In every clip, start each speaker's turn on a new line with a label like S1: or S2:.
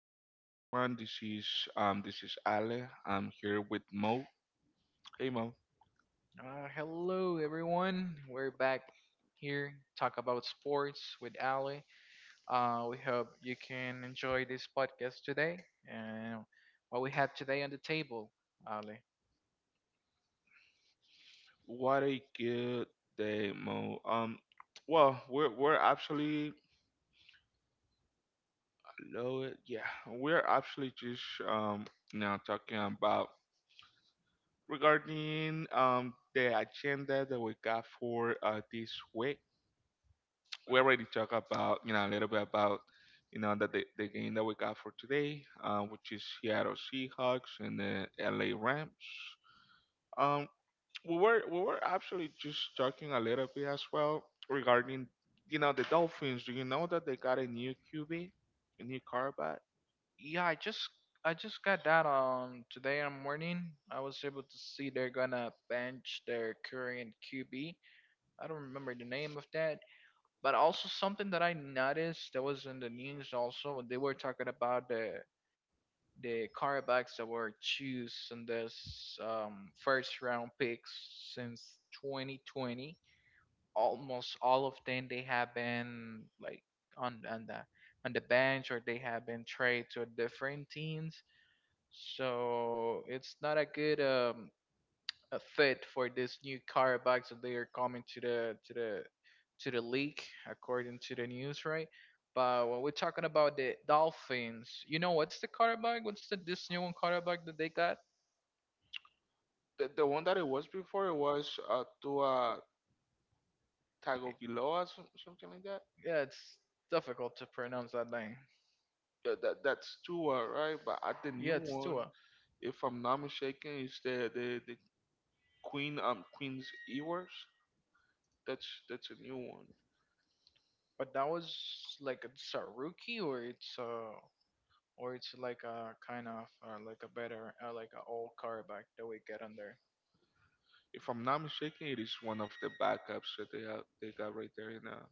S1: Hey, hello everyone. This is Ale. I'm here with Mo. Hey Mo.
S2: Hello everyone. We're back here talk about sports with Ali. We hope you can enjoy this podcast today and what we have today on the table, Ali.
S1: What a good day, Mo. We're hello yeah, we're actually just now talking about regarding the agenda that we got for this week. We already talked about a little bit about that the game that we got for today, which is Seattle Seahawks and the LA Rams. Um, we were actually just talking a little bit as well regarding the Dolphins. Do you know that they got a new QB, a new quarterback?
S2: Yeah, I just got that on today in the morning. I was able to see they're gonna bench their current QB. I don't remember the name of that, but also something that I noticed that was in the news also they were talking about the quarterbacks that were chosen in this first round picks since 2020, almost all of them they have been like on on the on the bench or they have been traded to different teams. So it's not a good a fit for this new quarterbacks that they are coming to the league according to the news, right? But when we're talking about the Dolphins, you know what's the quarterback? What's the this new one quarterback that they got?
S1: The one that it was before, it was Tua Tagoviloa, something like that.
S2: Yeah, it's difficult to pronounce that name.
S1: Yeah, that's Tua, right? But at the new
S2: Yeah, it's
S1: one,
S2: Tua.
S1: if I'm not mistaken, is the Queen's Ewers. That's a new one.
S2: But that was like it's a rookie or it's like a kind of like a better like a old quarterback that we get on there.
S1: If I'm not mistaken, it is one of the backups that they got right there in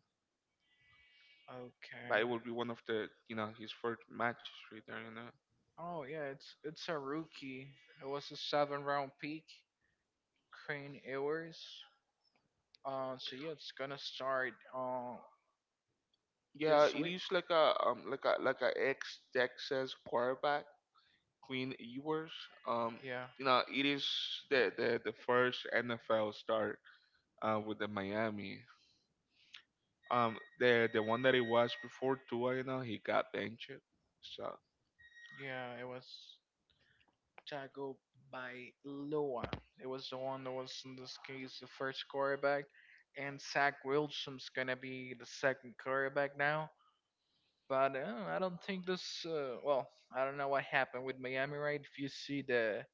S1: but
S2: Okay.
S1: it will be one of the his first matches right there in
S2: Oh yeah, it's a rookie. It was a seven round pick, Crane Ewers. So yeah, it's gonna start
S1: yeah,
S2: this
S1: it
S2: week.
S1: is like a like a like a ex Texas quarterback, Queen Ewers. Um
S2: Yeah,
S1: it is the first NFL start with the Miami. The one that it was before Tua, you know, he got benched. So
S2: yeah, it was Jago Bailoa. It was the one that was in this case the first quarterback, and Zach Wilson's gonna be the second quarterback now. But I don't think this. Well, I don't know what happened with Miami, right? If you see the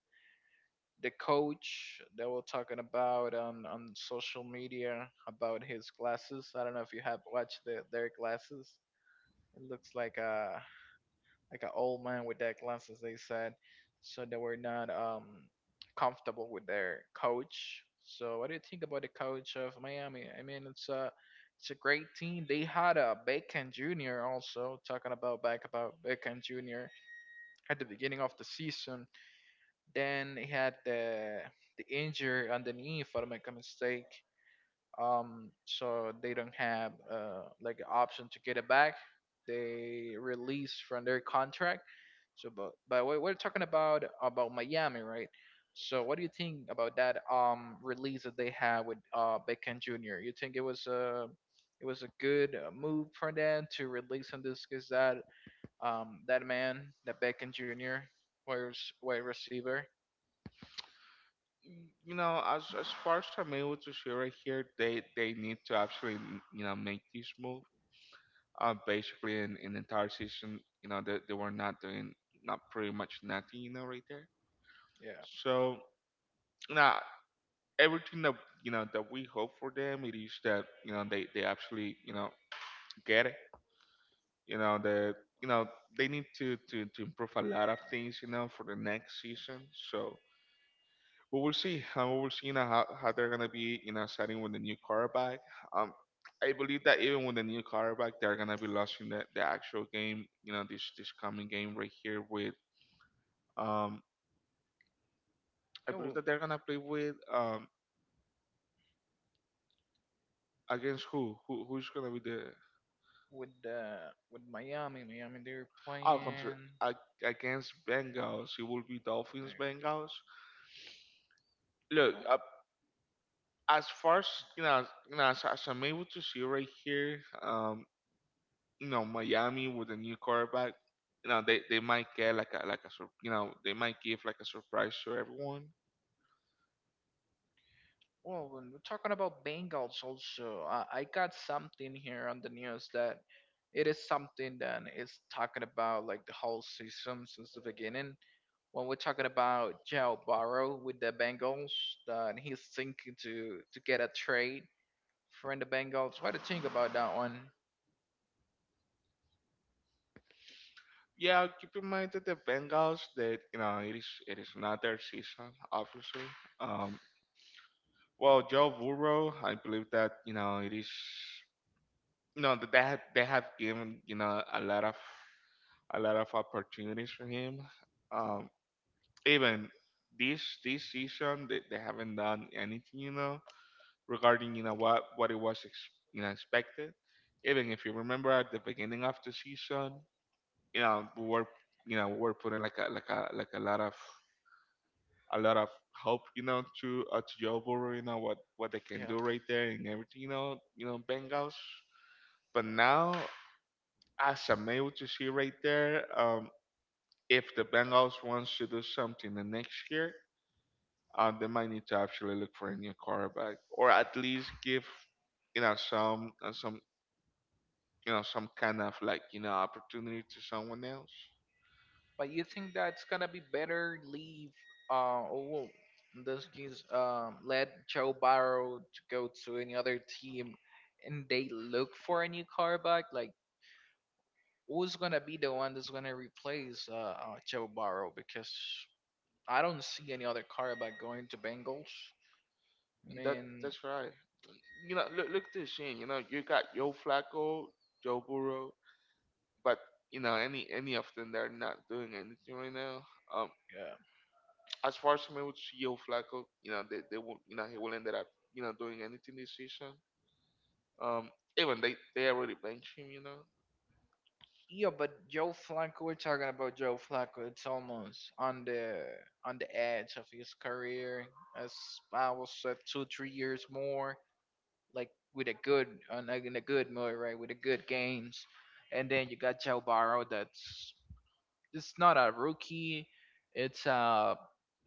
S2: the coach that we're talking about on social media about his glasses. I don't know if you have watched their glasses. It looks like an old man with that glasses. They said so they were not comfortable with their coach. So what do you think about the coach of Miami? I mean, it's a great team. They had a Beckham Jr. also talking about back about Beckham Jr. at the beginning of the season then he had the injury on the knee, if I don't make a mistake. So they don't have like an option to get it back. They release from their contract. So, but we're talking about Miami, right? So, what do you think about that release that they had with Beckham Jr.? You think it was a good move for them to release him this because that that man, that Beckham Jr. wide rec- wide receiver.
S1: you know, as far as I'm able to see right here, they need to actually, you know, make this move. Basically, in the entire season, you know, they were not doing not pretty much nothing, you know, right there.
S2: Yeah.
S1: So now everything that that we hope for them, it is that they actually, you know, get it. You know, you know they need to improve a lot of things, you know, for the next season. So we will see. We will see, you know, how they're gonna be, you know, starting with the new quarterback. Um, I believe that even with the new quarterback, they're gonna be losing the actual game. This coming game right here with um, I believe
S2: Yo,
S1: that they're gonna play with against who's gonna be the
S2: with uh, with Miami, they're
S1: oh contra
S2: playing.
S1: ag- against Bengals. It will be Dolphins
S2: they're-
S1: Bengals. Look, as far as you know, as I'm able to see right here, you know, Miami with a new quarterback, you know they might get like you know, they might give like a surprise to everyone.
S2: Well, when we're talking about Bengals, also, I got something here on the news that it is something that is talking about like the whole season since the beginning. When we're talking about Joe Burrow with the Bengals, that he's thinking to get a trade from the Bengals. What do you think about that one?
S1: Yeah, keep in mind that the Bengals, that you know, it is not their season obviously. Um, Joe Burrow, I believe that you know it is, you know, that they have given, you know, a lot of opportunities for him. Um, even this this season they haven't done anything, you know, regarding what you know, expected. Even if you remember at the beginning of the season, you know, we were putting like a lot of a lot of hope, you know, to Joe Burrow, you know, what they can
S2: Yeah.
S1: do right there, and everything, you know, you know, Bengals. But now as I'm able to see right there, if the Bengals wants to do something the next year, they might need to actually look for a new quarterback, or at least give, you know, some, you know, some kind of like, you know, opportunity to someone else.
S2: But you think that's gonna be better? Leave, or in this just let Joe Barrow to go to any other team, and they look for a new quarterback? Like, who's gonna be the one that's gonna replace Joe Barrow? Because I don't see any other quarterback going to Bengals. I
S1: And that
S2: mean,
S1: that's right, you know, look, look this, in you know, you got Yo Flacco, Joe Burrow, but you know, any of them, they're not doing anything right now. um
S2: yeah.
S1: as far as I mean with Yo Flacco, you know, they will, you know, he will end up, you know, doing anything this season. um even they already benched him, you know.
S2: Yeah, but Joe Flacco, we're talking about Joe Flacco. It's almost on the edge of his career. As I was said, two three years more, like with a good in a good mood, right? With a good games, and then you got Joe Burrow. That's It's not a rookie. It's a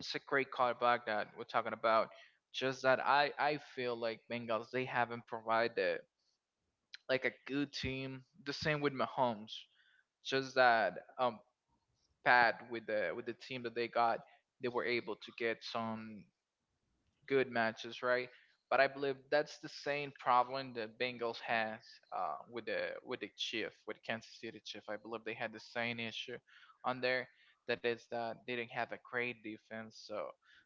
S2: it's a great quarterback that we're talking about. Just that I feel like Bengals they haven't provided like a good team. The same with Mahomes just that um pad with the team that they got, they were able to get some good matches, right? But I believe that's the same problem that Bengals has with the Chief, with Kansas City Chief. I believe they had the same issue on there. That is that they didn't have a great defense, so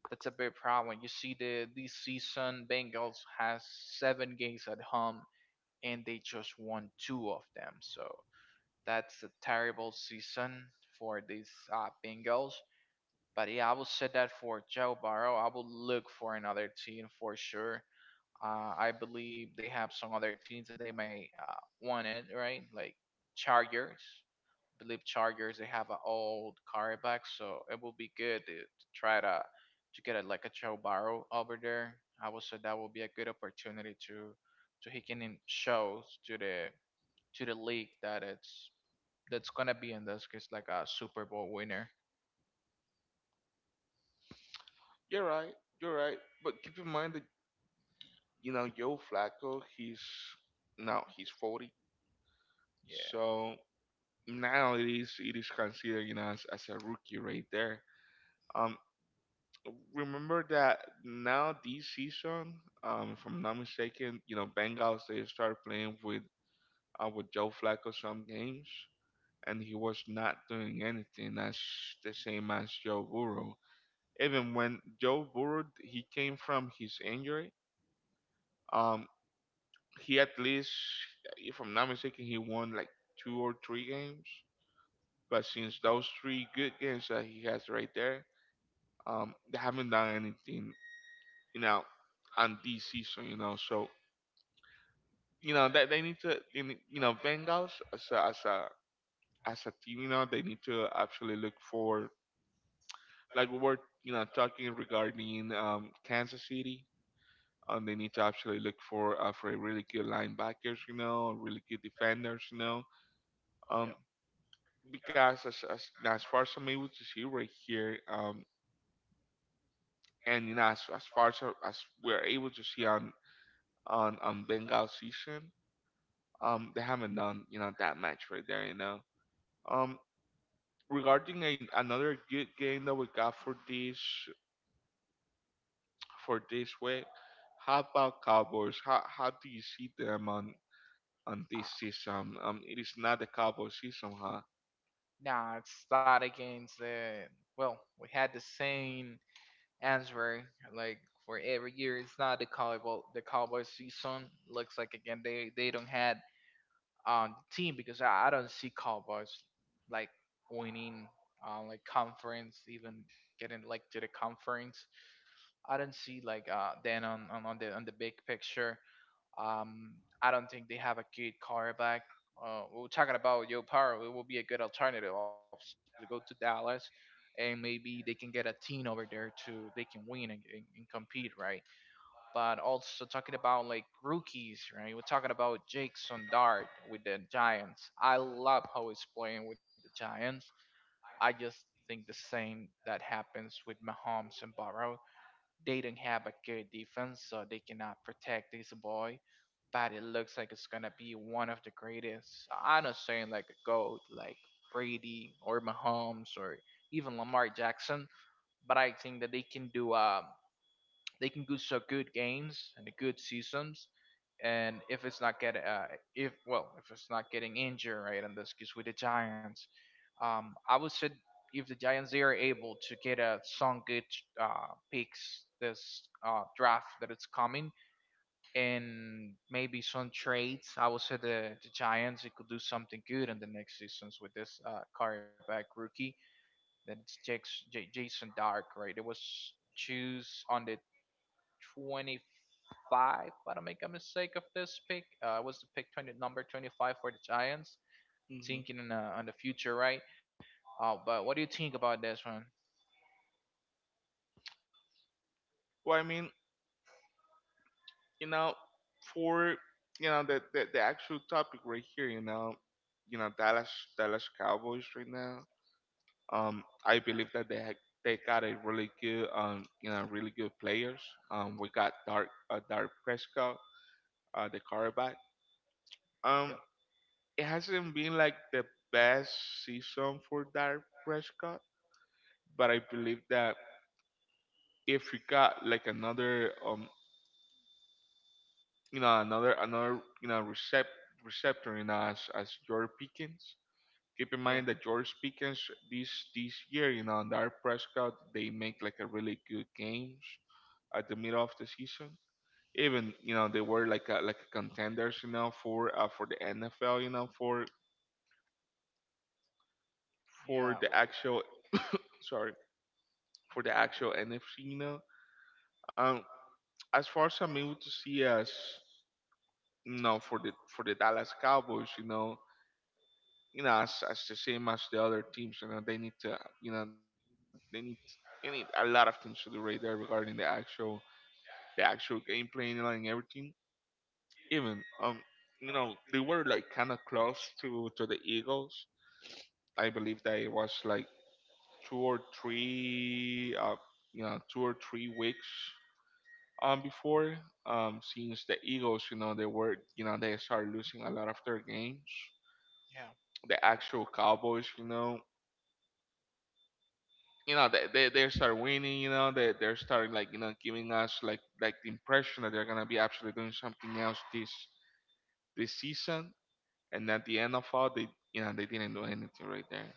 S2: that's a big problem. You see the this season Bengals has seven games at home and they just won two of them. So that's a terrible season for these Bengals. But yeah, I would say that for Joe Burrow, I would look for another team for sure. I believe they have some other teams that they may want it, right? Like Chargers. I believe Chargers they have an old quarterback, so it will be good to try to get like a Joe Burrow over there. I would say that would be a good opportunity to he can show to the league that it's that's gonna be in this case like a Super Bowl winner.
S1: You're right, you're right. But keep in mind that you know Yo Flacco, he's now, he's 40,
S2: Yeah.
S1: so now it is, it is considered, you know, as a rookie right there. Um, remember that now this season, if I'm not mistaken, you know, Bengals, they start playing with Joe Flacco some games, and he was not doing anything. That's the same as Joe Burrow. Even when Joe Burrow, he came from his injury, um, he at least, if I'm not mistaken, he won like two or three games. But since those three good games that he has right there, they haven't done anything, you know, on this season, you know. So you know that need to, they need, you know, Bengals as a, as a as a team, you know, they need to actually look for, like we were, you know, talking regarding Kansas City. They need to actually look for a really good linebackers, you know, really good defenders, you know.
S2: Yeah.
S1: Um,
S2: Yeah.
S1: because you know, as far as I'm able to see right here, and you know, as far as we're able to see on Bengals season, they haven't done, you know, that much right there, you know. um regarding another good game that we got for this week, how about Cowboys? How do you see them on this
S2: Uh,
S1: season? It is not the Cowboys season, huh?
S2: nah, it's that against the. Well, we had the same answer like for every year. It's not the cowboy. Well, the cowboy season looks like again they don't had the team because I don't see cowboys like winning like conference even getting like to the conference. I don't see then on the big picture. Um, I don't think they have a good quarterback. We're talking about Joe Power. It will be a good alternative, obviously, to go to Dallas, and maybe they can get a team over there to they can win and compete, right? But also talking about like rookies, right? We're talking about Jackson Dart with the Giants. I love how he's playing with the Giants. I just think the same that happens with Mahomes and Burrow they don't have a good defense, so they cannot protect this boy. But it looks like it's gonna be one of the greatest. I'm not saying like a GOAT, like Brady or Mahomes or even Lamar Jackson, but I think that they can do some good games and good seasons, and if it's not getting injured right in this case with the Giants, I would say if the Giants they are able to get some good picks this draft that it's coming and maybe some trades, I would say the Giants they could do something good in the next seasons with this quarterback rookie that it's Jason Dark, right. It was choose on the 20, 25, if I don't make a mistake of this pick. It was the pick 20, number 25 for the Giants,
S1: hmm
S2: thinking on the future, right? But what do you think about this one?
S1: well, I mean, you know, for you know the actual topic right here, you know, Dallas, Dallas Cowboys right now. I believe that they got a really good, you know, really good players. We got Dark, Dark Prescott, the quarterback. Um,
S2: Yeah.
S1: it hasn't been like the best season for Dark Prescott, but I believe that if we got like another, you know, another, you know, receptor, you know, as George Pickens. Keep in mind
S2: Yeah.
S1: that George Pickens this year, you know, and Dak Prescott, they make like a really good games at the middle of the season. Even you know they were like a, like contenders, you know, for the NFL, you know, for
S2: Yeah.
S1: the actual, sorry, for the actual NFC, you know. Um, as far as I'm able to see as you know for the Dallas Cowboys, you know, as the same as the other teams, you know, they need to, you know, they need a lot of things to do right there regarding the actual game plan, you know, and everything. Even you know, they were like kind of close to the Eagles. I believe that it was like two or three you know 2 or 3 weeks before since the Eagles, you know, they were, you know, they started losing a lot of their games.
S2: Yeah.
S1: The actual Cowboys, you know, you know, they start winning, you know, they they're starting like, you know, giving us like the impression that they're gonna be actually doing something else this season, and at the end of all, they you know, they didn't do anything right there.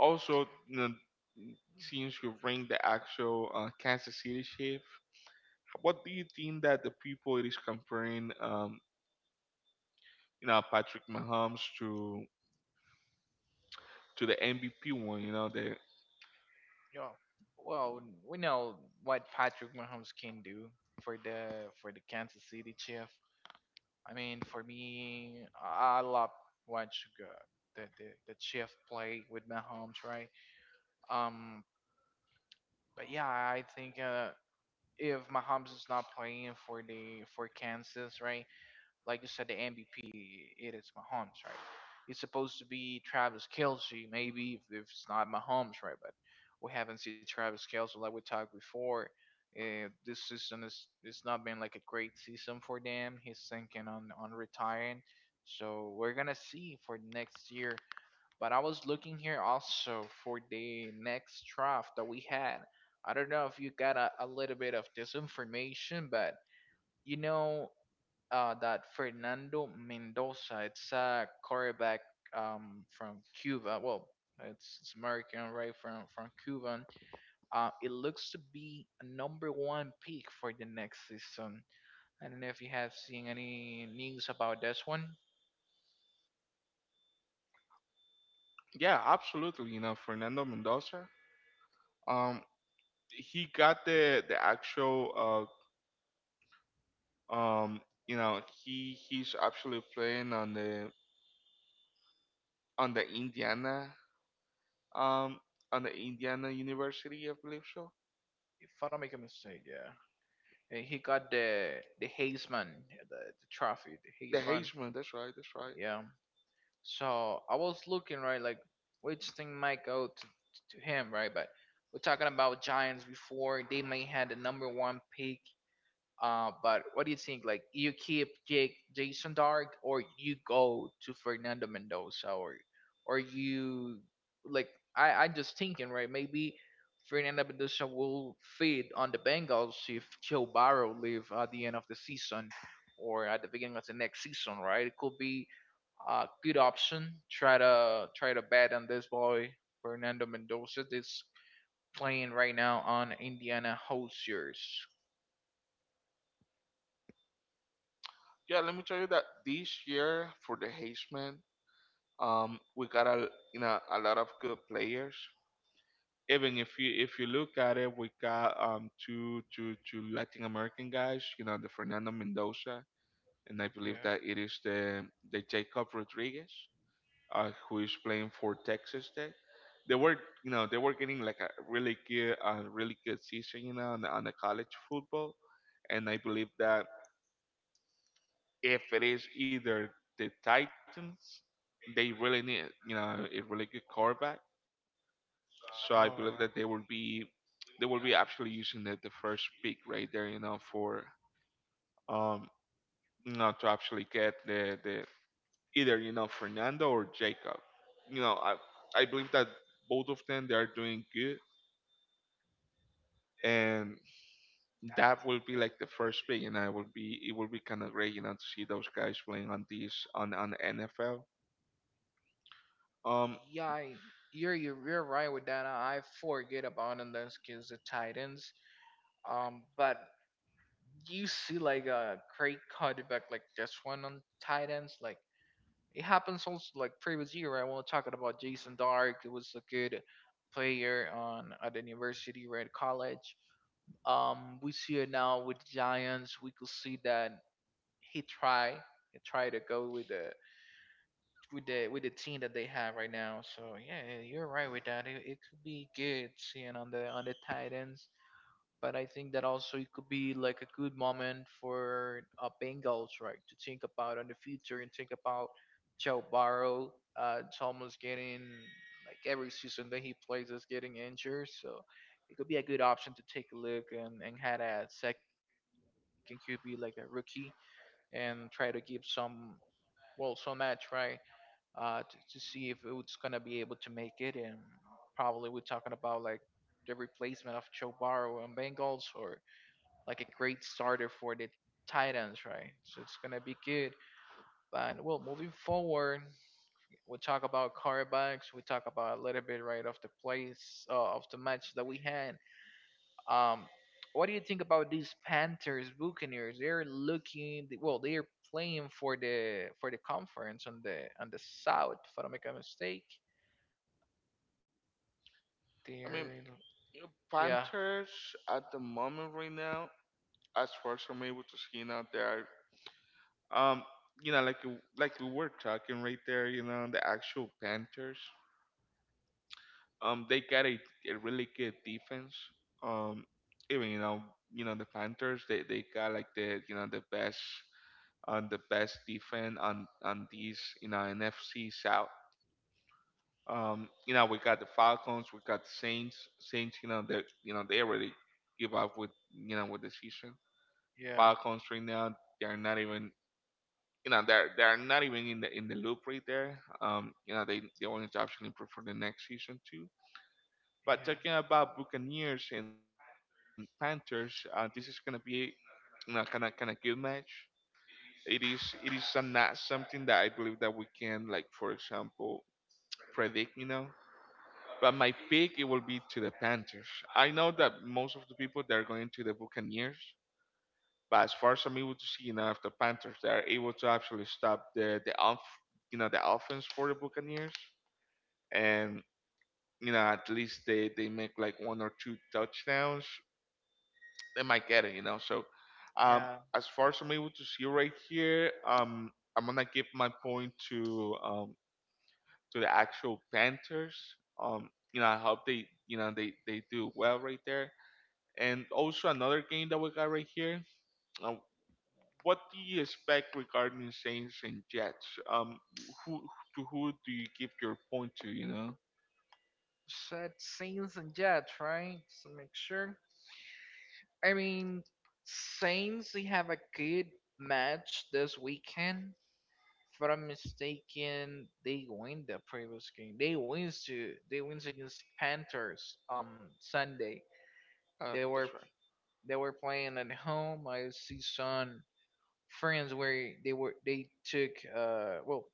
S1: Also, you know, since you bring the actual Kansas City Chief, what do you think that the people it is comparing, you know, Patrick Mahomes to the MVP one? You know, the
S2: Yeah. Well, we know what Patrick Mahomes can do for the Kansas City Chief. I mean, for me, I love watch the chief play with Mahomes, right? Um, but yeah, I think if Mahomes is not playing for Kansas, right, like you said, the MVP, it is Mahomes, right? It's supposed to be Travis Kelce, maybe if it's not Mahomes, right? But we haven't seen Travis Kelce like we talked before. This season is it's not been like a great season for them. He's thinking on retiring, so we're gonna see for next year. But I was looking here also for the next draft that we had. I don't know if you got a little bit of this information, but you know that Fernando Mendoza. It's a quarterback from Cuba. Well, it's American, right? From Cuban. It looks to be a number one pick for the next season. I don't know if you have seen any news about this one.
S1: yeah, absolutely. You know, Fernando Mendoza. Um, he got the actual uh um you know, he he's actually playing on the Indiana, um, on the Indiana University, I believe so.
S2: If I don't make a mistake, yeah. And he got the Heisman, the trophy, the
S1: The
S2: Heisman.
S1: Heisman, that's right, that's right.
S2: So I was looking right, like which thing might go to him, right? But we're talking about Giants before they may had the number one pick. But what do you think? Like you keep Jake Jason Dark, or you go to Fernando Mendoza, or you like I just thinking, right? Maybe Fernando Mendoza will fit on the Bengals if Joe Burrow leave at the end of the season or at the beginning of the next season, right? It could be good option. Try to bet on this boy Fernando Mendoza. That's playing right now on Indiana Hoosiers.
S1: Yeah, let me tell you that this year for the Heisman, we got a you know a lot of good players. Even if you look at it, we got two two Latin American guys. You know, the Fernando Mendoza, and I believe that it is the Jacob Rodriguez, who is playing for Texas Tech. They were, you know, they were getting like a really good season, you know, on the college football. And I believe that if it is either the Titans, they really need, you know, a really good quarterback. So I believe that they will be actually using the first pick right there, you know, for, um, you know, to actually get the either you know, Fernando or Jacob. You know, I believe that both of them, they are doing good, and that will be like the first pick, and I will be it will be kind of great, you know, to see those guys playing on these on the NFL. Um,
S2: Yeah, you're right with that. I forget about in this case the Titans. But you see like a great quarterback like this one on Titans, like it happens also like previous year. I was talking about Jason Dark. It was a good player on at the university, right? College. We see it now with Giants. We could see that he try he try to go with the with the team that they have right now. So yeah, you're right with that. It could be good seeing on the tight ends, but I think that also it could be like a good moment for Bengals, right, to think about in the future and think about Joe Burrow. It's almost getting like every season that he plays is getting injured, so it could be a good option to take a look and had a second QB like a rookie and try to give some, well, some match, right, uh, to see if it's gonna be able to make it. And probably we're talking about like the replacement of Joe Burrow and Bengals or like a great starter for the Titans, right? So it's gonna be good. But well, moving forward, we talk about quarterbacks. We talk about a little bit, right, of the place, of the match that we had. Um, what do you think about these Panthers Buccaneers? They're looking well. They're playing for the conference on the South. If I don't make a mistake, they're
S1: I
S2: in,
S1: mean,
S2: yeah
S1: Panthers at the moment right now, as far as I'm able to see, you know, they are um. Like we were talking right there, you know, the actual Panthers. They got a really good defense. Um, even you know, you know the Panthers, they got like the you know the best on the best defense on these you know NFC South. You know we got the Falcons, we got the Saints. You know that you know they already give up with you know with the season.
S2: yeah
S1: Falcons right now, they're not even you know they're not even in the loop right there. You know they the only option is for the next season too.
S2: yeah.
S1: But talking about Buccaneers and Panthers, this is gonna be you kind of good match. It is not something that I believe that we can like for example predict, you know. But my pick it will be to the Panthers. I know that most of the people they're going to the Buccaneers, but as far as I'm able to see, you know, if the Panthers they are able to actually stop the off you know the offense for the Buccaneers, and you know at least they make like one or two touchdowns they might get it, you know. So um,
S2: yeah.
S1: as far as I'm able to see right here, I'm gonna give my point to the actual Panthers. You know, I hope they you know they do well right there. And also another game that we got right here. Um, what do you expect regarding Saints and Jets? Who who do you give your point to? You know,
S2: Said Saints and Jets, right? So make sure. I mean, Saints, they have a good match this weekend. If I'm mistaken, they win the previous game. They wins to they wins against Panthers on Sunday.
S1: uh,
S2: They
S1: that's
S2: were
S1: right.
S2: they were playing at home. I see some friends where they were, they took, uh, well,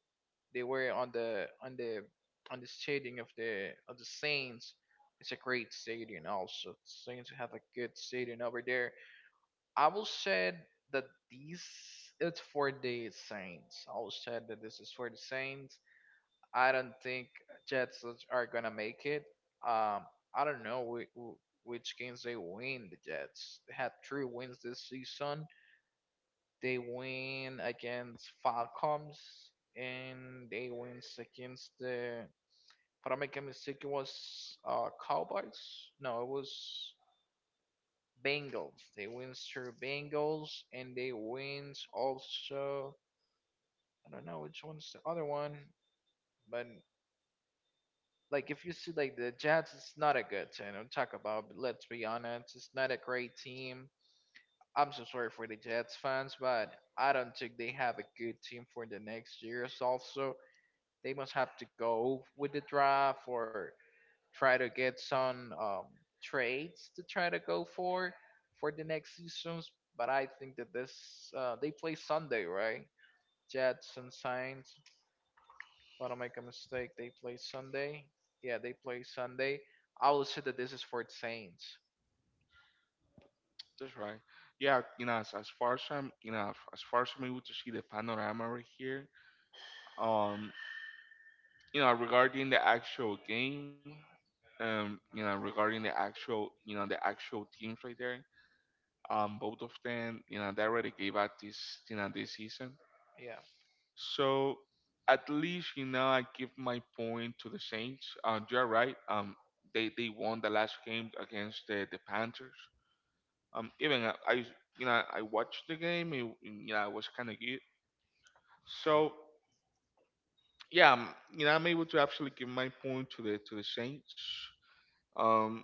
S2: they were on the on the stadium of the Saints. It's a great stadium also. Saints have a good stadium over there. I will say that these it's for the Saints. I will say that this is for the Saints. I don't think Jets are gonna make it. Um, I don't know which games they win. The Jets, they had three wins this season. They win against Falcons and they wins against the, if I don't make a mistake, it was, Cowboys. No, it was Bengals. They wins through Bengals and they wins also, I don't know which one's the other one. But like, if you see like the Jets, it's not a good team to talk about. But let's be honest, it's not a great team. I'm so sorry for the Jets fans, but I don't think they have a good team for the next years also. They must have to go with the draft or try to get some, trades to try to go for the next seasons. But I think that this, they play Sunday, right? Jets and Saints. If I don't make a mistake, they play Sunday. Yeah, they play Sunday. I will say that this is for the Saints.
S1: That's right. Yeah, you know, as far as I'm, you know, as far as I'm able to see the panorama right here, um, you know, regarding the actual game, you know, regarding the actual, you know, the actual teams right there, both of them, you know, they already gave out this, you know, this season.
S2: Yeah,
S1: So at least, you know, I give my point to the Saints. You're right. Um, they won the last game against the Panthers. Um, even I you know, I watched the game. It, you know, I was kind of good. So yeah, you know, I'm able to actually give my point to the Saints. Um,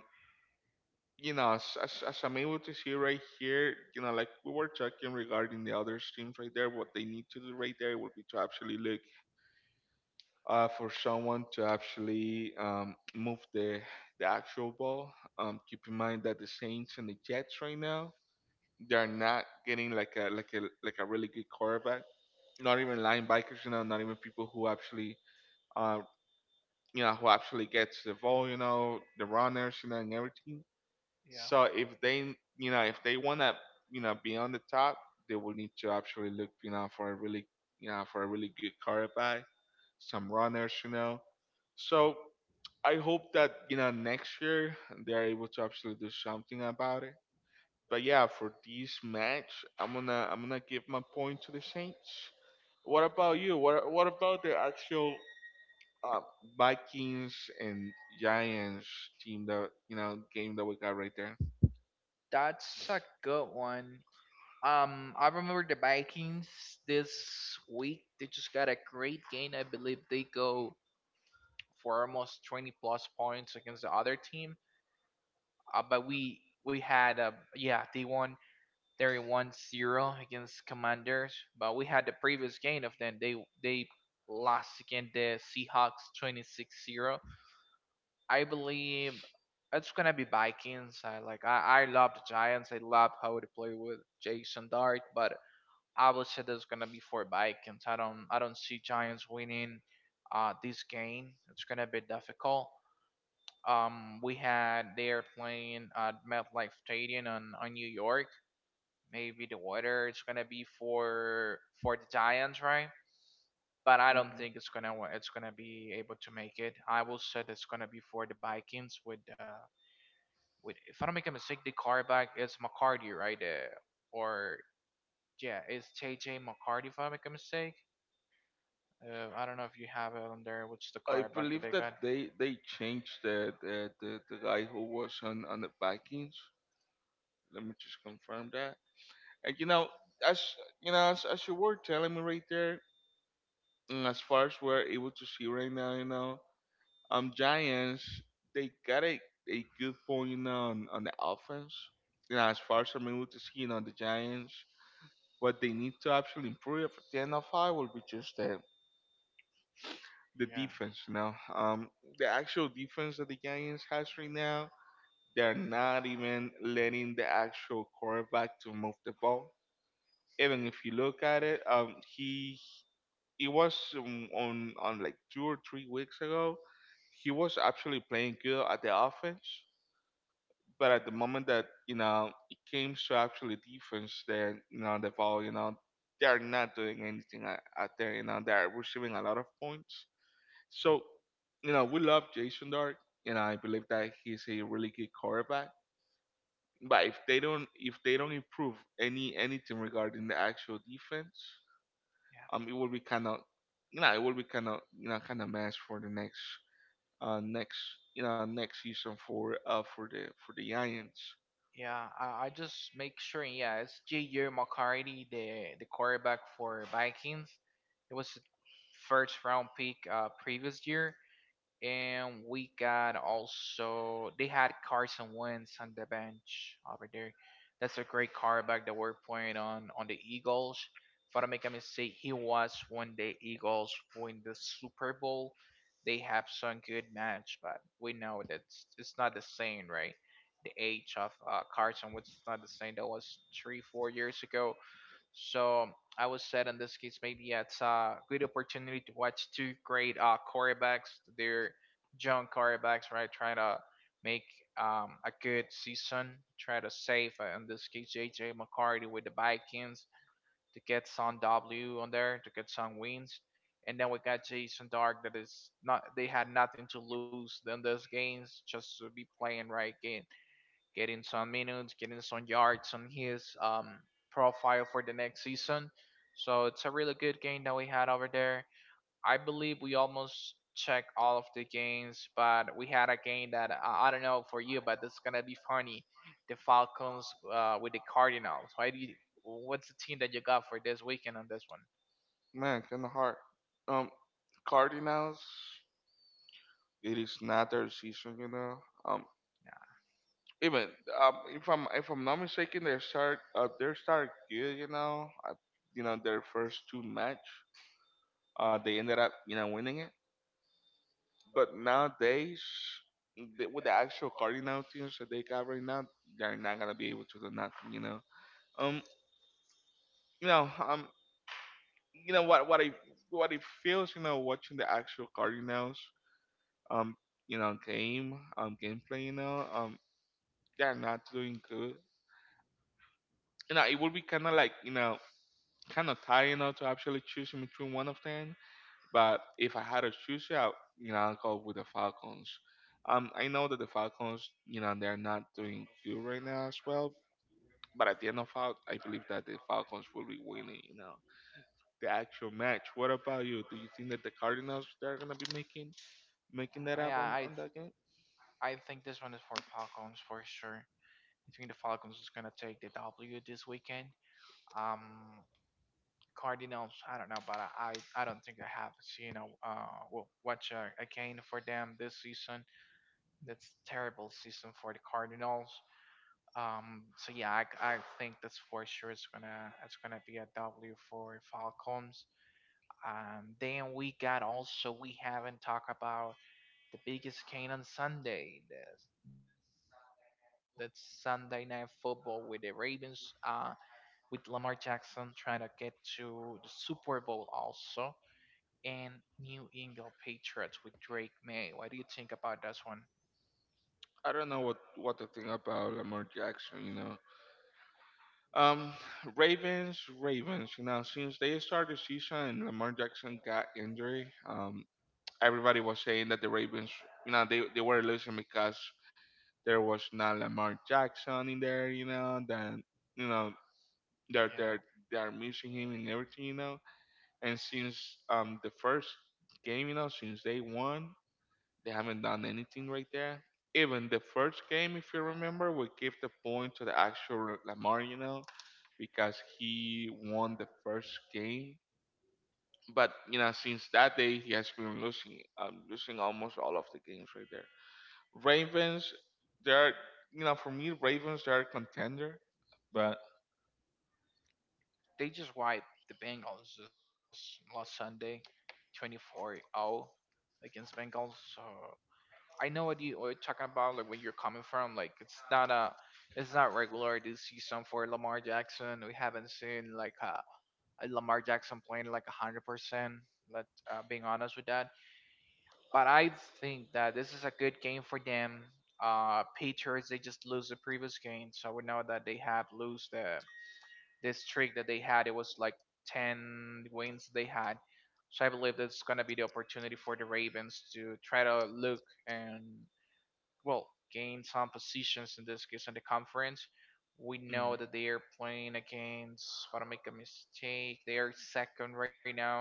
S1: you know, as I'm able to see right here, you know, like we were talking regarding the other teams right there, what they need to do right there would be to actually look for someone to actually move the actual ball. Keep in mind that the Saints and the Jets right now, they're not getting like a a really good quarterback. Not even linebackers, you know, not even people who actually uh, you know, who actually gets the ball, you know, the runners, you know, and everything.
S2: yeah.
S1: So if they, you know, if they want to, you know, be on the top, they will need to actually look, you know, for a really, you know, for a really good quarterback, some runners, you know. So I hope that you know next year they are able to actually do something about it. But yeah, for this match, I'm gonna give my point to the Saints. What about you? What about the actual uh, Vikings and Giants team that you know game that we got right there?
S2: That's a good one. I remember the Vikings this week. They just got a great game. I believe they go for almost 20 plus points against the other team. But we had a, yeah, they won 31-0 against Commanders. But we had the previous game of them. They lost against the Seahawks 26-0. I believe it's gonna be Vikings. I like I love the Giants. I love how they play with Jason Dart, but I would say there's gonna be four Vikings. I don't see Giants winning, this game. It's gonna be difficult. We had they're playing at MetLife Stadium on New York. Maybe the weather is gonna be for the Giants, right? But I don't think it's gonna it's gonna be able to make it. I will say it's gonna be for the Vikings with with, if I don't make a mistake, the quarterback is McCarty, right? Or yeah, it's J J McCarty if I don't make a mistake. I don't know if you have it on there. What's the
S1: I
S2: car back that
S1: believe
S2: they got?
S1: that they changed the the guy who was on the Vikings. Let me just confirm that. And you know, as you know, as you were telling me right there, as far as we're able to see right now, you know, Giants they got a good point, you know, on the offense. You know, as far as I'm able to see, you know, the Giants, what they need to actually improve at the end of I will be just the
S2: Yeah,
S1: defense. You know, the actual defense that the Giants has right now. They're not even letting the actual quarterback to move the ball. Even if you look at it, he it was on like 2 or 3 weeks ago. He was actually playing good at the offense, but at the moment that you know it came to actually defense, then you know the ball, you know they're not doing anything out there. You know they're receiving a lot of points. So you know we love Jason Dark. You know I believe that he's a really good quarterback. But if they don't improve anything regarding the actual defense, it will be kind of you know it will be kind of you know kind of mess for the next next you know next season for the Giants.
S2: yeah, yeah. I just make sure. Yeah, it's J.J. McCarthy, the quarterback for Vikings. It was the first round pick, previous year, and we got also they had Carson Wentz on the bench over there. That's a great quarterback that we're playing on the Eagles. If I don't make a mistake, he was when the Eagles win the Super Bowl. They have some good match, but we know that it's not the same, right? The age of, Carson Wentz is not the same. That was three, 4 years ago. So I was said in this case, maybe it's a good opportunity to watch two great, quarterbacks. They're young quarterbacks, right? Trying to make, a good season, try to save, in this case, J.J. McCarthy with the Vikings to get some W on there, to get some wins. And then we got Jason Dark that is not, they had nothing to lose in those games, just to be playing right game, getting some minutes, getting some yards on his, profile for the next season. So it's a really good game that we had over there. I believe we almost checked all of the games, but we had a game that I don't know for you, but it's gonna be funny. The Falcons, with the Cardinals. Why do you? What's the team that you got for this weekend on this one?
S1: Man, kind of hard. Um, Cardinals. It is not their season, you know. Um, even if I'm not mistaken, they start good, you know. I, you know their first two match, they ended up you know winning it. But nowadays, with the actual cardinal teams that they got right now, they're not gonna be able to do nothing. You know. Um. You know. You know what? What I what it feels. You know, watching the actual cardinals. Um. You know, game. Gameplay. They're not doing good. You know, it would be kind of like you know, kind of tiring you know, to actually choosing between one of them. But if I had to choose, yeah, you know, I'll go with the Falcons. I know that the Falcons, you know, they're not doing good right now as well. But at the end of all, I believe that the Falcons will be winning, you know, the actual match. What about you? Do you think that the Cardinals they're gonna be making
S2: Oh, yeah,
S1: making that
S2: I
S1: up on that game?
S2: I think this one is for Falcons for sure. I think the Falcons is gonna take the W this weekend. Um, Cardinals. I don't know, but I don't think I have seen a, will watch a game for them this season. That's terrible season for the Cardinals. So yeah, I think that's for sure. It's gonna be a W for Falcons. Then we got also, we haven't talked about the biggest game on Sunday. That's Sunday night football with the Ravens. With Lamar Jackson trying to get to the Super Bowl also, and New England Patriots with Drake May. What do you think about this one?
S1: I don't know what to think about Lamar Jackson. You know, um, Ravens. You know, since they started the season and Lamar Jackson got injury, everybody was saying that the Ravens, you know, they were losing because there was not Lamar Jackson in there, you know, then you know they're
S2: Yeah,
S1: they're they're missing him and everything, you know. And since the first game, you know, since they won, they haven't done anything right there. Even the first game, if you remember, we give the point to the actual Lamar, you know, because he won the first game. But you know, since that day, he has been losing, losing almost all of the games right there. Ravens, they are you know for me Ravens they are contender, but
S2: they just wiped the Bengals this last Sunday, 24-0 against Bengals. So I know what you are talking about, like where you're coming from. Like it's not a, it's not regular this season for Lamar Jackson. We haven't seen like a Lamar Jackson playing like 100%. Let, being honest with that. But I think that this is a good game for them. Patriots, they just lose the previous game, so we know that they had lose the this streak that they had. It was like 10 wins they had. So I believe that's gonna be the opportunity for the Ravens to try to look and, well, gain some positions in this case in the conference. We
S1: mm
S2: know that they are playing against. If I don't make a mistake, they are second right now.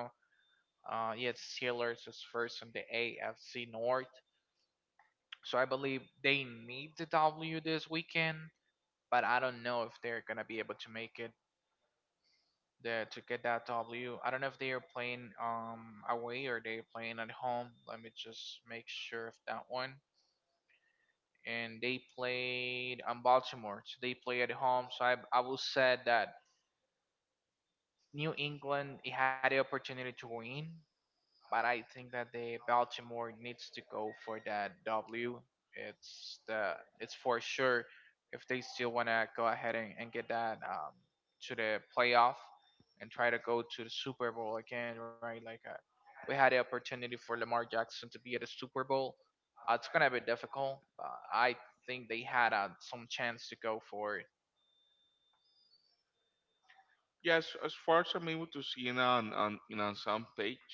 S2: Yeah, Steelers is first in the AFC North. So I believe they need the W this weekend, but I don't know if they're gonna be able to make it there to get that W. I don't know if they are playing, away or they're playing at home. Let me just make sure of that one. And they played on Baltimore, so they play at home. So I will say that New England it had the opportunity to win, but I think that the Baltimore needs to go for that W. It's the, it's for sure if they still want to go ahead and, get that, to the playoff and try to go to the Super Bowl again, right? Like, we had the opportunity for Lamar Jackson to be at the Super Bowl. It's gonna be difficult, but I think they had, some chance to go for.
S1: yes, as far as I'm able to see you know on you know on some page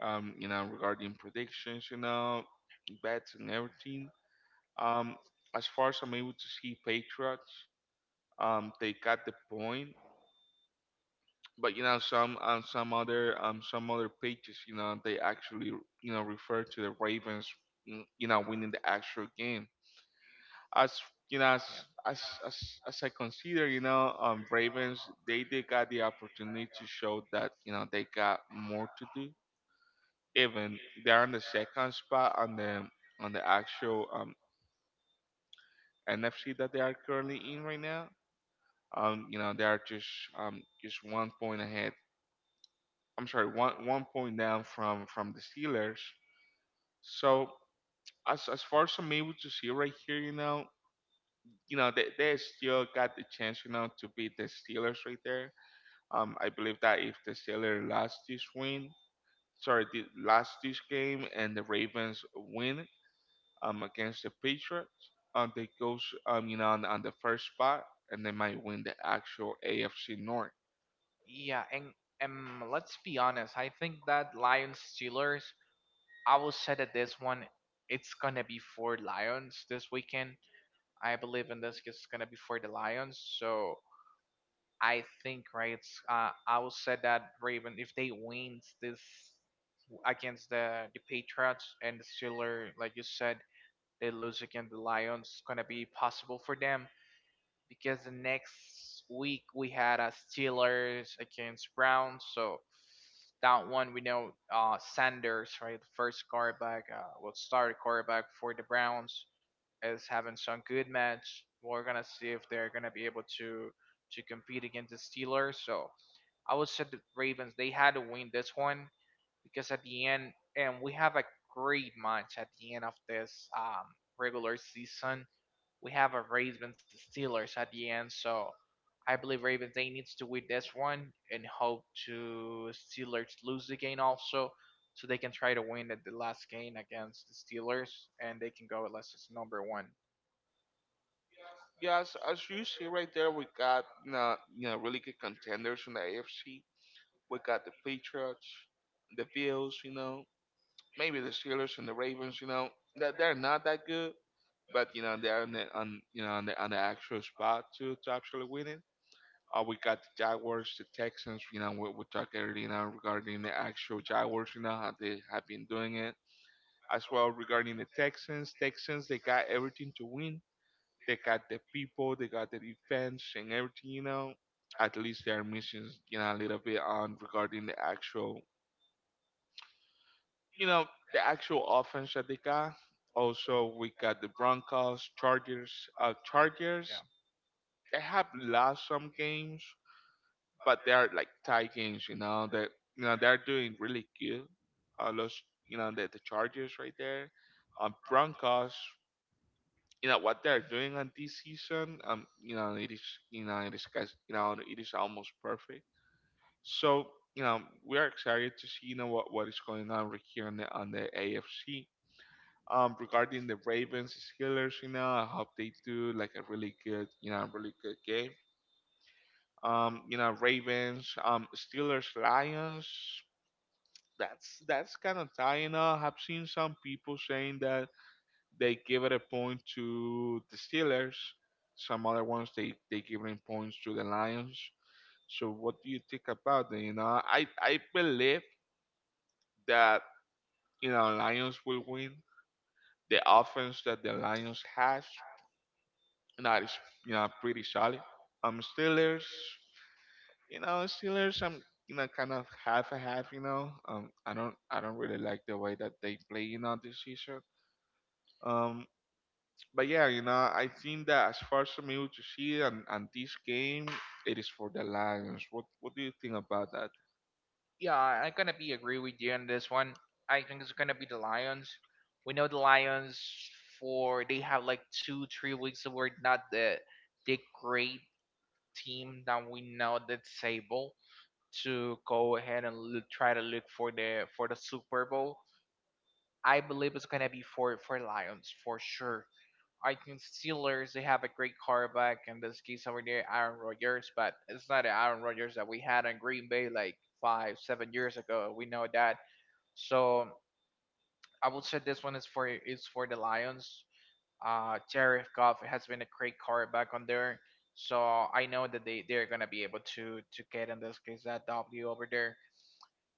S1: you know regarding predictions you know bets and everything um as far as I'm able to see Patriots they got the point. But you know some on some other pages you know they actually you know refer to the Ravens you know winning the actual game as
S2: Yeah,
S1: you know as as as I consider you know Ravens they got the opportunity to show that you know they got more to do. Even they're on the second spot on the actual NFC that they are currently in right now. You know they are just one point ahead. I'm sorry, one point down from the Steelers. So as far as I'm able to see right here, you know, you know they still got the chance you know to beat the Steelers right there. I believe that if the Steelers lost this win, sorry, the, lost this game, and the Ravens win against the Patriots, they goes you know on the first spot, and they might win the actual AFC North.
S2: yeah, and, let's be honest. I think that Lions Steelers. I will say that this one, it's gonna be for Lions this weekend. I believe in this. It's gonna be for the Lions. So I think, right, it's, I will say that Raven, if they win this against the Patriots, and the Steelers, like you said, they lose against the Lions, it's gonna be possible for them, because the next week we had a Steelers against Browns, so that one we know, Sanders, right, the first quarterback, will start quarterback for the Browns, is having some good match. We're gonna see if they're gonna be able to compete against the Steelers. So I would say the Ravens they had to win this one, because at the end, and we have a great match at the end of this, regular season. We have a Ravens Steelers at the end, so I believe Ravens they needs to win this one and hope to Steelers lose the game also, so they can try to win at the last game against the Steelers and they can go as number one.
S1: Yes, as you see right there, we got you know really good contenders in the AFC. We got the Patriots, the Bills, you know, maybe the Steelers and the Ravens, you know, that they're not that good, but you know they're on the on you know on the actual spot to actually win it. We got the Jaguars, the Texans. You know, we talked earlier you know, regarding the actual Jaguars. You know how they have been doing it as well regarding the Texans. Texans, they got everything to win. They got the people, they got the defense and everything. At least they're missing a little bit on regarding you know, the actual offense that they got. Also, we got the Broncos, Chargers. Chargers,
S2: Yeah.
S1: they have lost some games, but they are like tie games. That they're doing really good. Those, the Chargers right there. Broncos, you know what they're doing on this season. It is guys, it is almost perfect. So, we are excited to see what is going on right here on the AFC. Regarding the Ravens Steelers, I hope they do like a really good, really good game. Ravens, Steelers, Lions. That's kind of tying up. I've seen some people saying that they give it a point to the Steelers. Some other ones, they give it points to the Lions. So what do you think about it? I believe that Lions will win the offense that the Lions has, and that is pretty solid. Steelers, Steelers, I'm kind of half a half. I don't really like the way that they play this season. Um, but yeah, I think that as far as I'm able to see and this game, it is for the Lions. What do you think about that?
S2: Yeah, I'm gonna be agree with you on this one. I think it's gonna be the Lions. We know the Lions for they have like two, 3 weeks of where not the great team that we know that's able to go ahead and look, try to look for the Super Bowl. I believe it's gonna be for Lions for sure. I think Steelers they have a great quarterback in this case over there, Aaron Rodgers, but it's not the Aaron Rodgers that we had in Green Bay like five, 7 years ago. We know that, so I would say this one is for the Lions. Jared Goff has been a great quarterback on there, so I know that they're gonna be able to get in this case that W over there.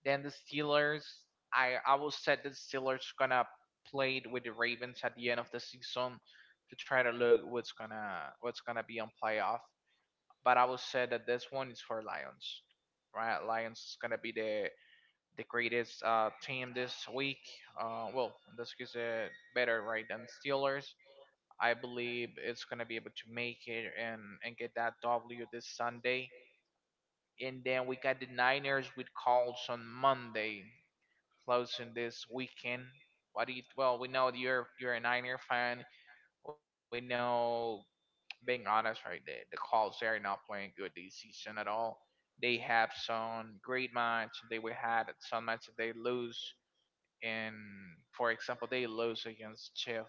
S2: Then the Steelers, I will say the Steelers gonna play it with the Ravens at the end of the season to try to look what's gonna be on playoff. But I will say that this one is for Lions, right? Lions is gonna be the greatest team this week. Well, in this case, better right than Steelers. I believe it's gonna be able to make it and get that W this Sunday. And then we got the Niners with calls on Monday, closing this weekend. What do you? Well, we know you're a Niner fan. We know, being honest, right? The calls they are not playing good this season at all. They have some great match. They will had some matches they lose and for example they lose against Chief.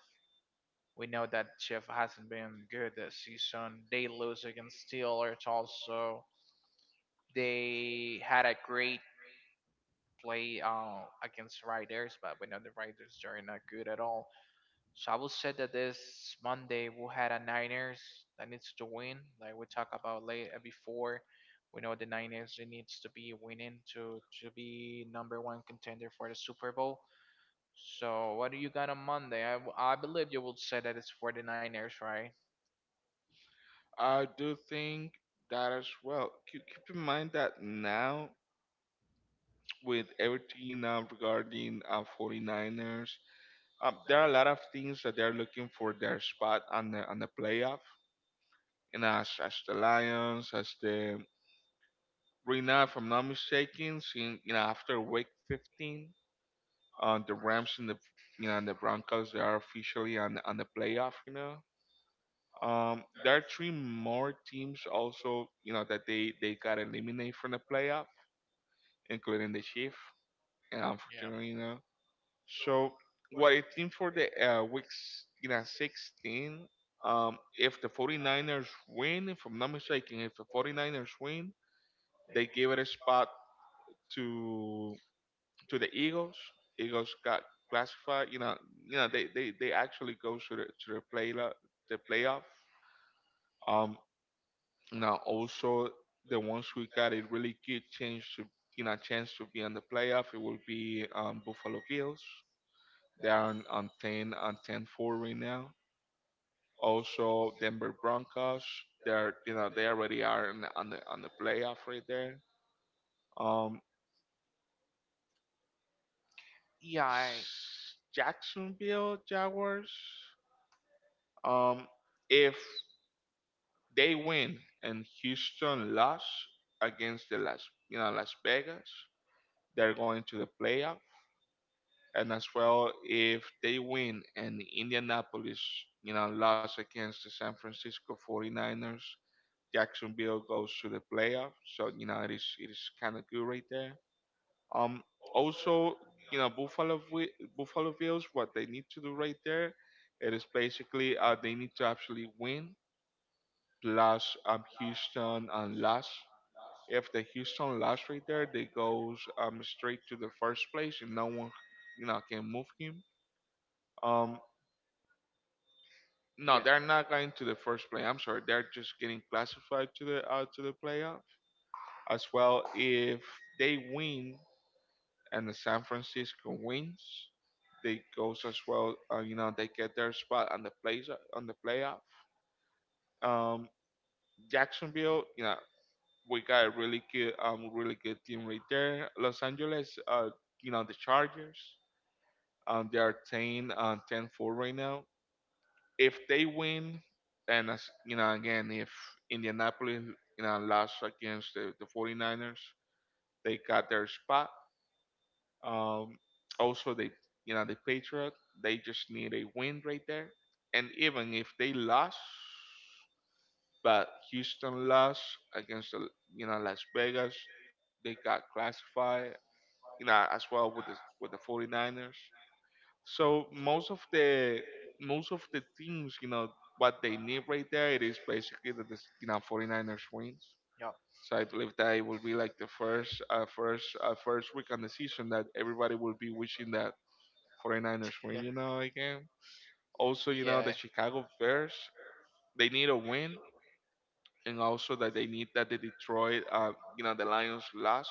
S2: We know that Chief hasn't been good this season. They lose against Steelers also. They had a great play against Riders, but we know the Riders are not good at all. So I will say that this Monday we'll have a Niners that needs to win, like we talked about later before. We know the Niners it needs to be winning to be number one contender for the Super Bowl. So what do you got on Monday? I believe you would say that it's 49ers, right?
S1: I do think that as well. Keep in mind that now with everything now regarding 49ers. There are a lot of things that they're looking for their spot on the playoff, and as the Lions, as the, right now, if I'm not mistaken, seeing, after Week 15, the Rams and the you know and the Broncos, they are officially on the playoff. There are three more teams also that they got eliminated from the playoff, including the Chiefs. And
S2: Yeah.
S1: unfortunately. So what I think for the weeks in a 16, if the 49ers win, if I'm not mistaken, if the 49ers win, they give it a spot to to the Eagles. Eagles got classified. They, they actually go to the playoff. Um, Now also, the ones who got a really good chance to, chance to be on the playoff, it will be Buffalo Bills. They are on 10 on 10, 4 right now. Also, Denver Broncos. They're, they already are in, on the playoff right there. Um,
S2: Yeah,
S1: Jacksonville Jaguars. Um, if they win and Houston lost against the Las you know Las Vegas, they're going to the playoff. And as well, if they win and Indianapolis, lost against the San Francisco 49ers, Jacksonville goes to the playoff. So, it is kind of good right there. Also, you know Buffalo Wi- Buffalo Bills, what they need to do right there, it is basically, they need to actually win, plus Houston and loss. If the Houston lost right there, they goes straight to the first place and no one can move him. Um. No,
S2: yeah,
S1: they're not going to the first play. I'm sorry, they're just getting classified to the playoff. As well, if they win and the San Francisco wins, they goes as well, they get their spot on the plays on the playoff. um Jacksonville, we got a really good, really good team right there. Los Angeles, the Chargers, they are 10, 10-4 right now. If they win, and as you know again, if Indianapolis, lost against the 49ers, they got their spot. Um, Also, they you know the Patriot, they just need a win right there, and even if they lost, but Houston lost against the Las Vegas, they got classified. As well with the 49ers. So most of the teams, what they need right there, it is basically that, this, you know 49ers wins. So I believe that it will be like the first week on the season that everybody will be wishing that
S2: yeah,
S1: 49ers win, again.
S2: yeah,
S1: Also, the Chicago Bears, they need a win. And also that they need that the Detroit, you know, the Lions lost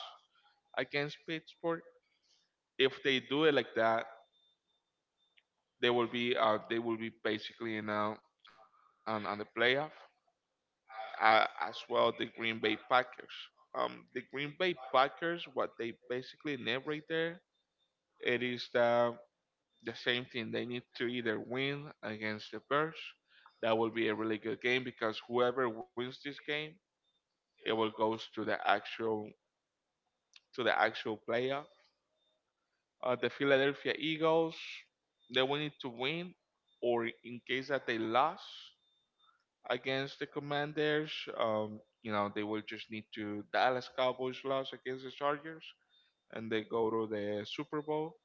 S1: against Pittsburgh. If they do it like that, they will be basically, on the playoff. As well, the Green Bay Packers. The Green Bay Packers, what they basically need right there, it is the same thing. They need to either win against the Bears. That will be a really good game because whoever wins this game, it will goes to the actual playoff. The Philadelphia Eagles, they will need to win, or in case that they lost against the Commanders, they will just need to Dallas Cowboys lost against the Chargers, and they go to the Super Bowl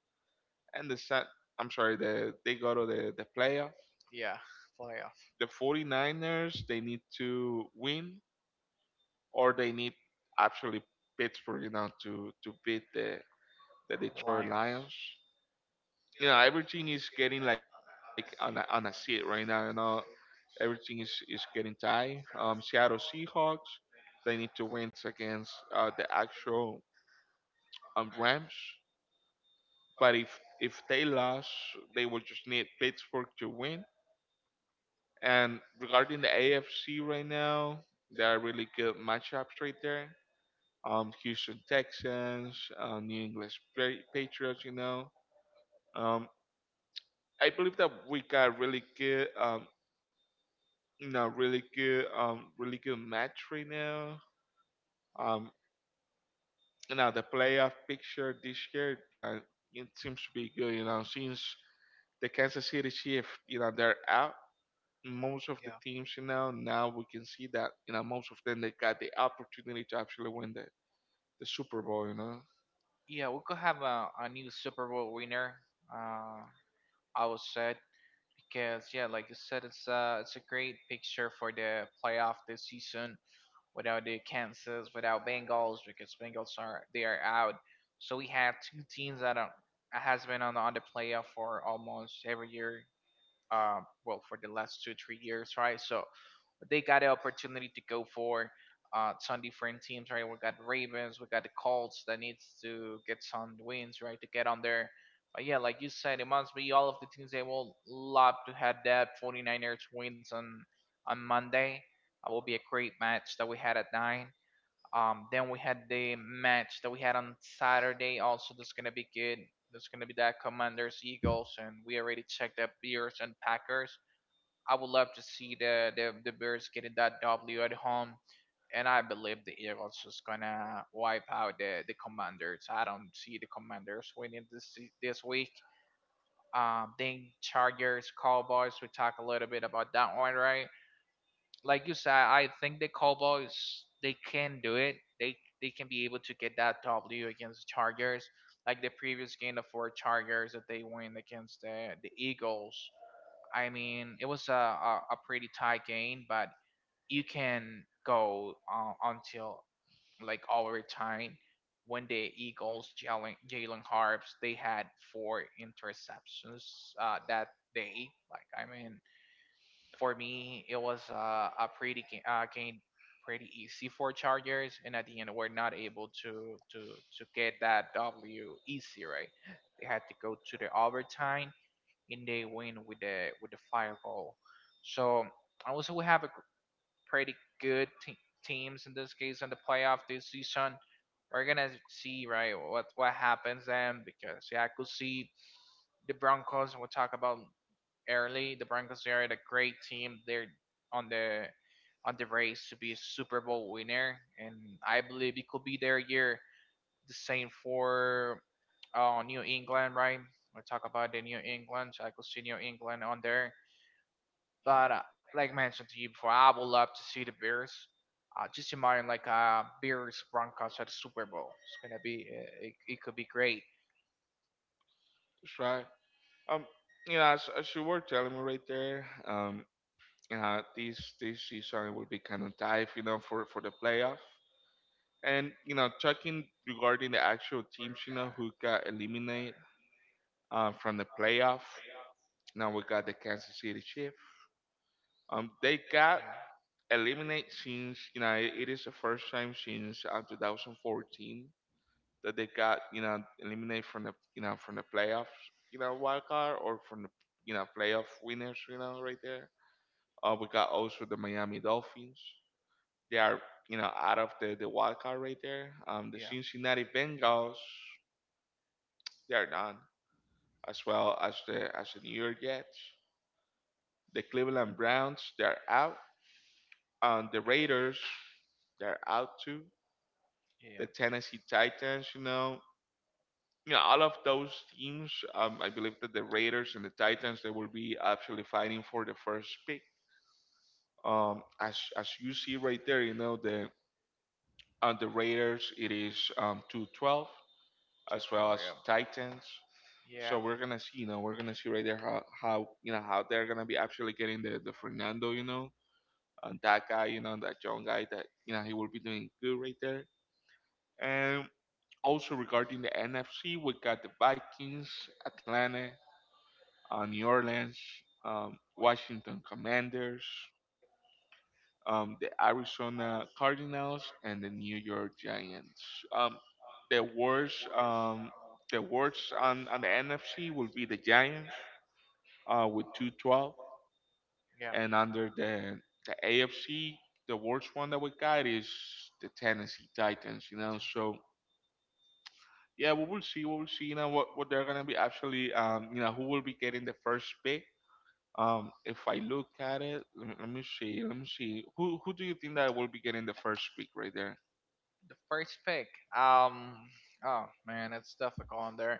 S1: and I'm sorry, they go to the playoff.
S2: yeah. Playoff.
S1: The 49ers, they need to win or they need actually Pittsburgh, to beat the
S2: The
S1: Detroit
S2: Lions.
S1: Lions. Everything is getting like on a seat right now. Everything is getting tight. Seattle Seahawks, they need to win against, the actual, Rams. But if they lost, they will just need Pittsburgh to win. And regarding the AFC right now, there are really good matchups right there. Houston Texans, New England Patriots. Um, I believe that we got really good, really good, really good match right now. Um, the playoff picture this year, it seems to be good. Since the Kansas City Chiefs, they're out. Most of the
S2: Yeah,
S1: teams, now we can see that, most of them, they got the opportunity to actually win the Super Bowl.
S2: yeah. We could have a new Super Bowl winner. Uh, I was sad because yeah, like you said, it's a great picture for the playoff this season without the Kansas, without Bengals because Bengals are they are out. So we have two teams that are, has been on the playoff for almost every year. Well, for the last 2 3 years, right? So they got the opportunity to go for some different teams, right? We got Ravens, we got the Colts that needs to get some wins, right, to get on there. But yeah, like you said, it must be all of the teams they will love to have that 49ers wins on Monday. That will be a great match that we had at nine. Then we had the match that we had on Saturday. Also, that's gonna be good. There's gonna be that Commanders Eagles, and we already checked that Bears and Packers. I would love to see the Bears getting that W at home, and I believe the Eagles is gonna wipe out the Commanders. I don't see the Commanders winning this week. Then Chargers, Cowboys. We talk a little bit about that one, right? Like you said, I think the Cowboys they can do it. They can be able to get that W against the Chargers. Like the previous game, the four Chargers that they win against the Eagles, I mean, it was a pretty tight game, but you can go until like overtime when the Eagles, Jalen Harps, they had four interceptions that day. Like, I mean, for me, it was a game, pretty easy for Chargers, and at the end, we're not able to get that W easy, right? They had to go to the overtime and they win with the fire goal. So also we have a pretty good teams in this case in the playoff this season. We're gonna see right what happens then because yeah, I could see the Broncos we'll talk about early. The Broncos are a great team. They're on the on the race to be a Super Bowl winner and I believe it could be their year, the same for New England, right? We talk about the New England, so I could see New England on there. But like I mentioned to you before, I would love to see the Bears. Just imagine like a Bears Broncos at the Super Bowl. It's gonna be it could be great.
S1: That's right. Um, as you were telling me right there, this season will be kind of dive, for the playoff. And talking regarding the actual teams, who got eliminated, from the playoff. Now we got the Kansas City Chiefs. They
S2: Yeah,
S1: got eliminated, since it is the first time since, 2014 that they got eliminated from the playoffs, wild card, or from the playoff winners, right there. We got also the Miami Dolphins. They are, out of the wild card right there. The
S2: yeah,
S1: Cincinnati Bengals, they are done, as well as the New York Jets. The Cleveland Browns, they're out. The Raiders, they're out too. The
S2: yeah.
S1: Tennessee Titans, all of those teams. I believe that the Raiders and the Titans, they will be actually fighting for the first pick. As you see right there, you know the On the Raiders, it is, 2-12,
S2: To
S1: as well as
S2: Detroit,
S1: Titans.
S2: yeah.
S1: So
S2: Yeah.
S1: we're gonna see right there how, how they're gonna be actually getting the Fernando, and that guy, that young guy that, he will be doing good right there. And also regarding the NFC, we got the Vikings, Atlanta, New Orleans, Washington Commanders, the Arizona Cardinals, and the New York Giants. Um, the worst, um, the worst on the NFC will be the Giants, with 2-12,
S2: Yeah.
S1: and under the AFC, the worst one that we got is the Tennessee Titans. So yeah, we will see. We will see. What they're gonna be actually. Who will be getting the first pick. If I look at it, let me see. Who do you think that will be getting the first pick right there?
S2: The first pick. Um. Oh man, it's difficult on there.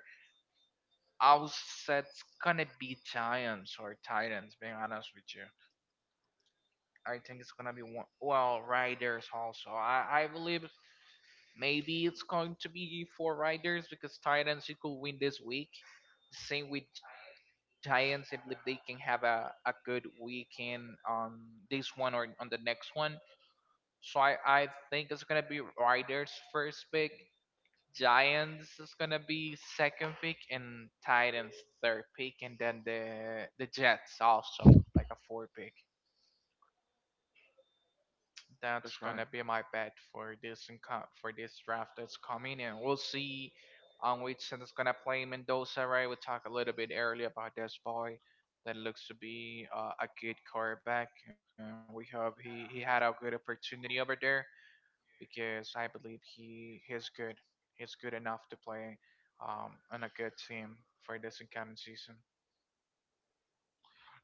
S2: I will say it's gonna be Giants or Titans. Being honest with you, I think it's gonna be one. Well, Riders also. I believe maybe it's going to be four riders because Titans you could win this week. Same with Giants. I believe they can have a good weekend on this one or on the next one. So I think it's gonna be Riders first pick, Giants is gonna be second pick, and Titans third pick, and then the Jets also like a four pick. That's
S1: That's right.
S2: gonna be my bet for this draft that's coming, and we'll see on which side is gonna play Mendoza. Right, we talked a little bit earlier about this boy that looks to be a good quarterback, and we hope he had a good opportunity over there because I believe he's good. He's good enough to play on a good team for this incoming season.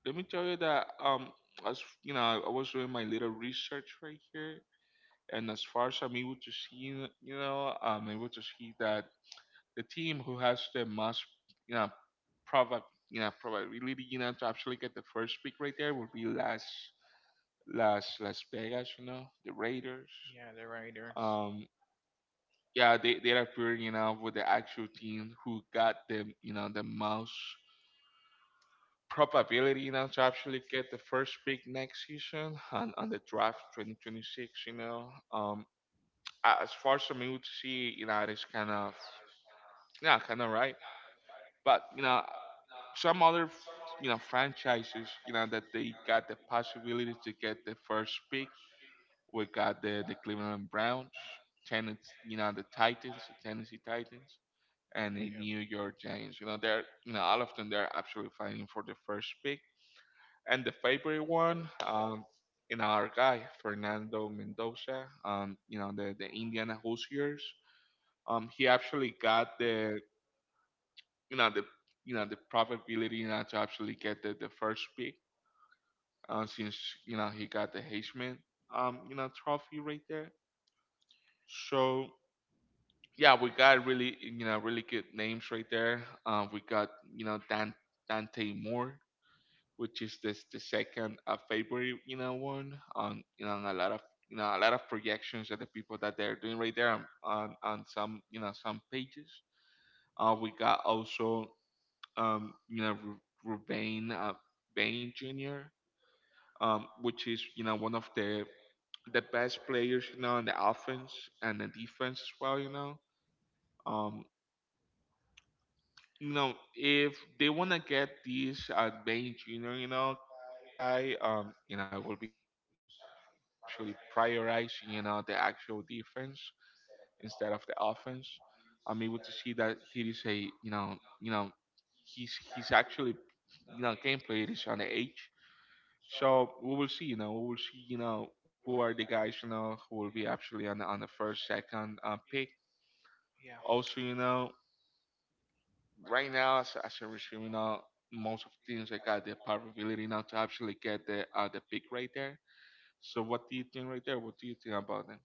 S1: Let me tell you that, as you know, I was doing my little research right here, and as far as I'm able to see, I'm able to see that the team who has the most, you know, probab, probability, to actually get the first pick right there would be Las Vegas, the Raiders.
S2: Yeah, the Raiders.
S1: Um, yeah, they appear, you know, with the actual team who got them, you know, the most probability, you know, to actually get the first pick next season on the draft 2026. As far as I'm able to see, you know, it is kind of yeah kind of right, but you know some other, you know, franchises, you know, that they got the possibility to get the first pick. We got the Cleveland Browns, Tennessee, you know, the Titans, the Tennessee Titans, and the New York Giants. You know, they're, you know, all of them, they're absolutely fighting for the first pick. And the favorite one, you know, our guy Fernando Mendoza, you know, the Indiana Hoosiers. He actually got the, you know, the, you know, the probability, you know, to actually get the first pick, since you know he got the Heisman, you know, trophy right there. So yeah, we got really, you know, really good names right there. We got, you know, Dante Moore, which is this the second favorite, you know, one on, you know, on a lot of, you know, a lot of projections of the people that they're doing right there on some, you know, some pages. We got also, you know, Ruben Bain Jr., which is, you know, one of the best players, you know, on the offense and the defense as well, you know. Um, you know, if they wanna get this, main junior, you know, guy, you know, it will be a team who's actually prioritizing, you know, the actual defense instead of the offense. I'm able to see that he is a, you know, he's actually, you know, gameplay is on the edge. So we will see, you know, we will see, you know, who are the guys, you know, who will be actually on the first, second pick.
S2: Yeah,
S1: Also, you know,
S2: yeah.
S1: right now, as you're now, most of the teams like got the probability now to actually get the, the pick right there. So what do you think right there? What do you think about them?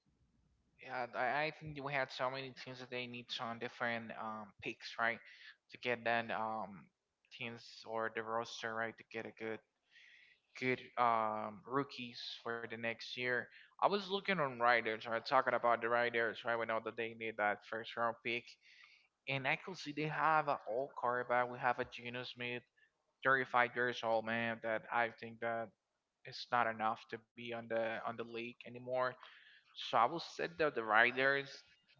S2: Yeah, I think we had so many teams that they need some different picks, right, to get that teams or the roster right to get a good good rookies for the next year. I was looking on riders, right, talking about the riders, right. We know that they need that first round pick, and I could see they have an old quarterback. We have a Geno Smith, 35 years old man, that I think that it's not enough to be on the league anymore. So I will said that the riders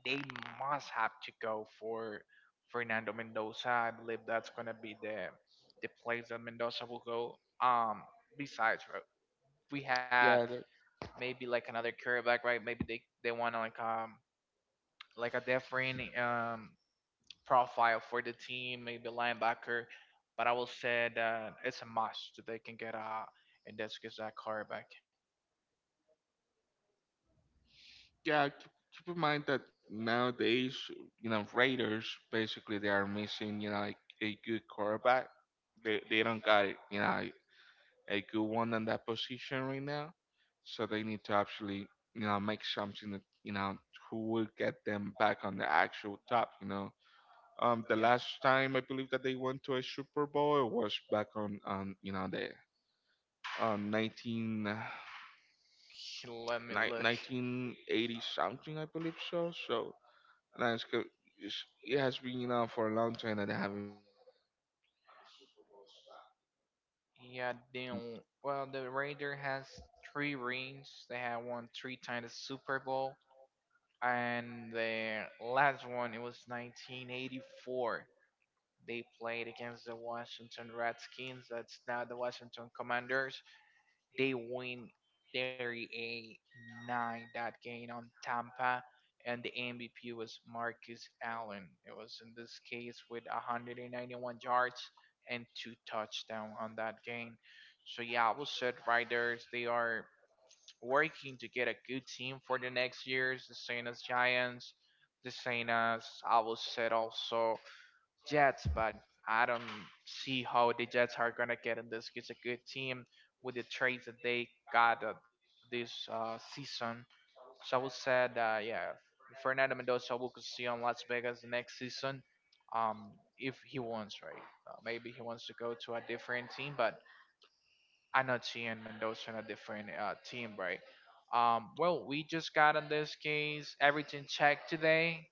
S2: they must have to go for Fernando Mendoza. I believe that's gonna be the place that Mendoza will go. Um, besides, we have
S1: Yeah, the,
S2: maybe like another quarterback, right? Maybe they want like a different profile for the team, maybe linebacker. But I will say that it's a must that they can get a and that's just that quarterback.
S1: yeah. Keep in mind that nowadays, you know, Raiders basically they are missing, you know, like a good quarterback. They don't got it, you know, like, a good one in that position right now. So they need to actually, you know, make something that, you know, who will get them back on the actual top, you know. The
S2: Yeah.
S1: last time I believe that they went to a Super Bowl, it was back on, you know, the uh, 19, uh,
S2: Let me
S1: ni-
S2: look.
S1: 1980 something, I believe so. So and it's, it's, it has been, you know, for a long time that they haven't been on the Super Bowl spot. You know,
S2: Yeah, damn. Well, the Raider has three rings. They have won three times the Super Bowl, and the last one it was 1984. They played against the Washington Redskins. That's now the Washington Commanders. They win 38-9 that game on Tampa, and the MVP was Marcus Allen. It was in this case with 191 yards and two touchdowns on that game. So yeah, I will said Riders, they are working to get a good team for the next years, the same as Giants, the same as I will said also Jets, but I don't see how the Jets are gonna get in this. It's a good team with the trades that they got this season. So I would say, yeah, Fernando Mendoza we could see on Las Vegas next season. Um, if he wants, right? Maybe he wants to go to a different team, but I'm not seeing Mendoza in a different team, right? Well, we just got in this case everything checked today.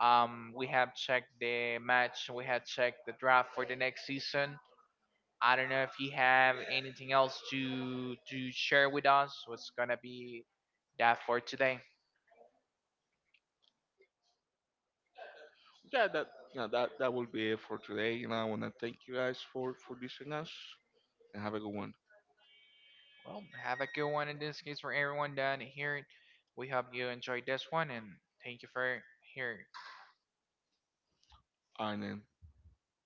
S2: We have checked the match. We have checked the draft for the next season. I don't know if you have anything else to share with us. What's gonna be that for today?
S1: yeah, that, you know, that will be it for today. You know, I want to thank you guys for listening us and have a good one.
S2: Well, have a good one in this case for everyone down here. We hope you enjoyed this one and thank you for here.
S1: All right, then.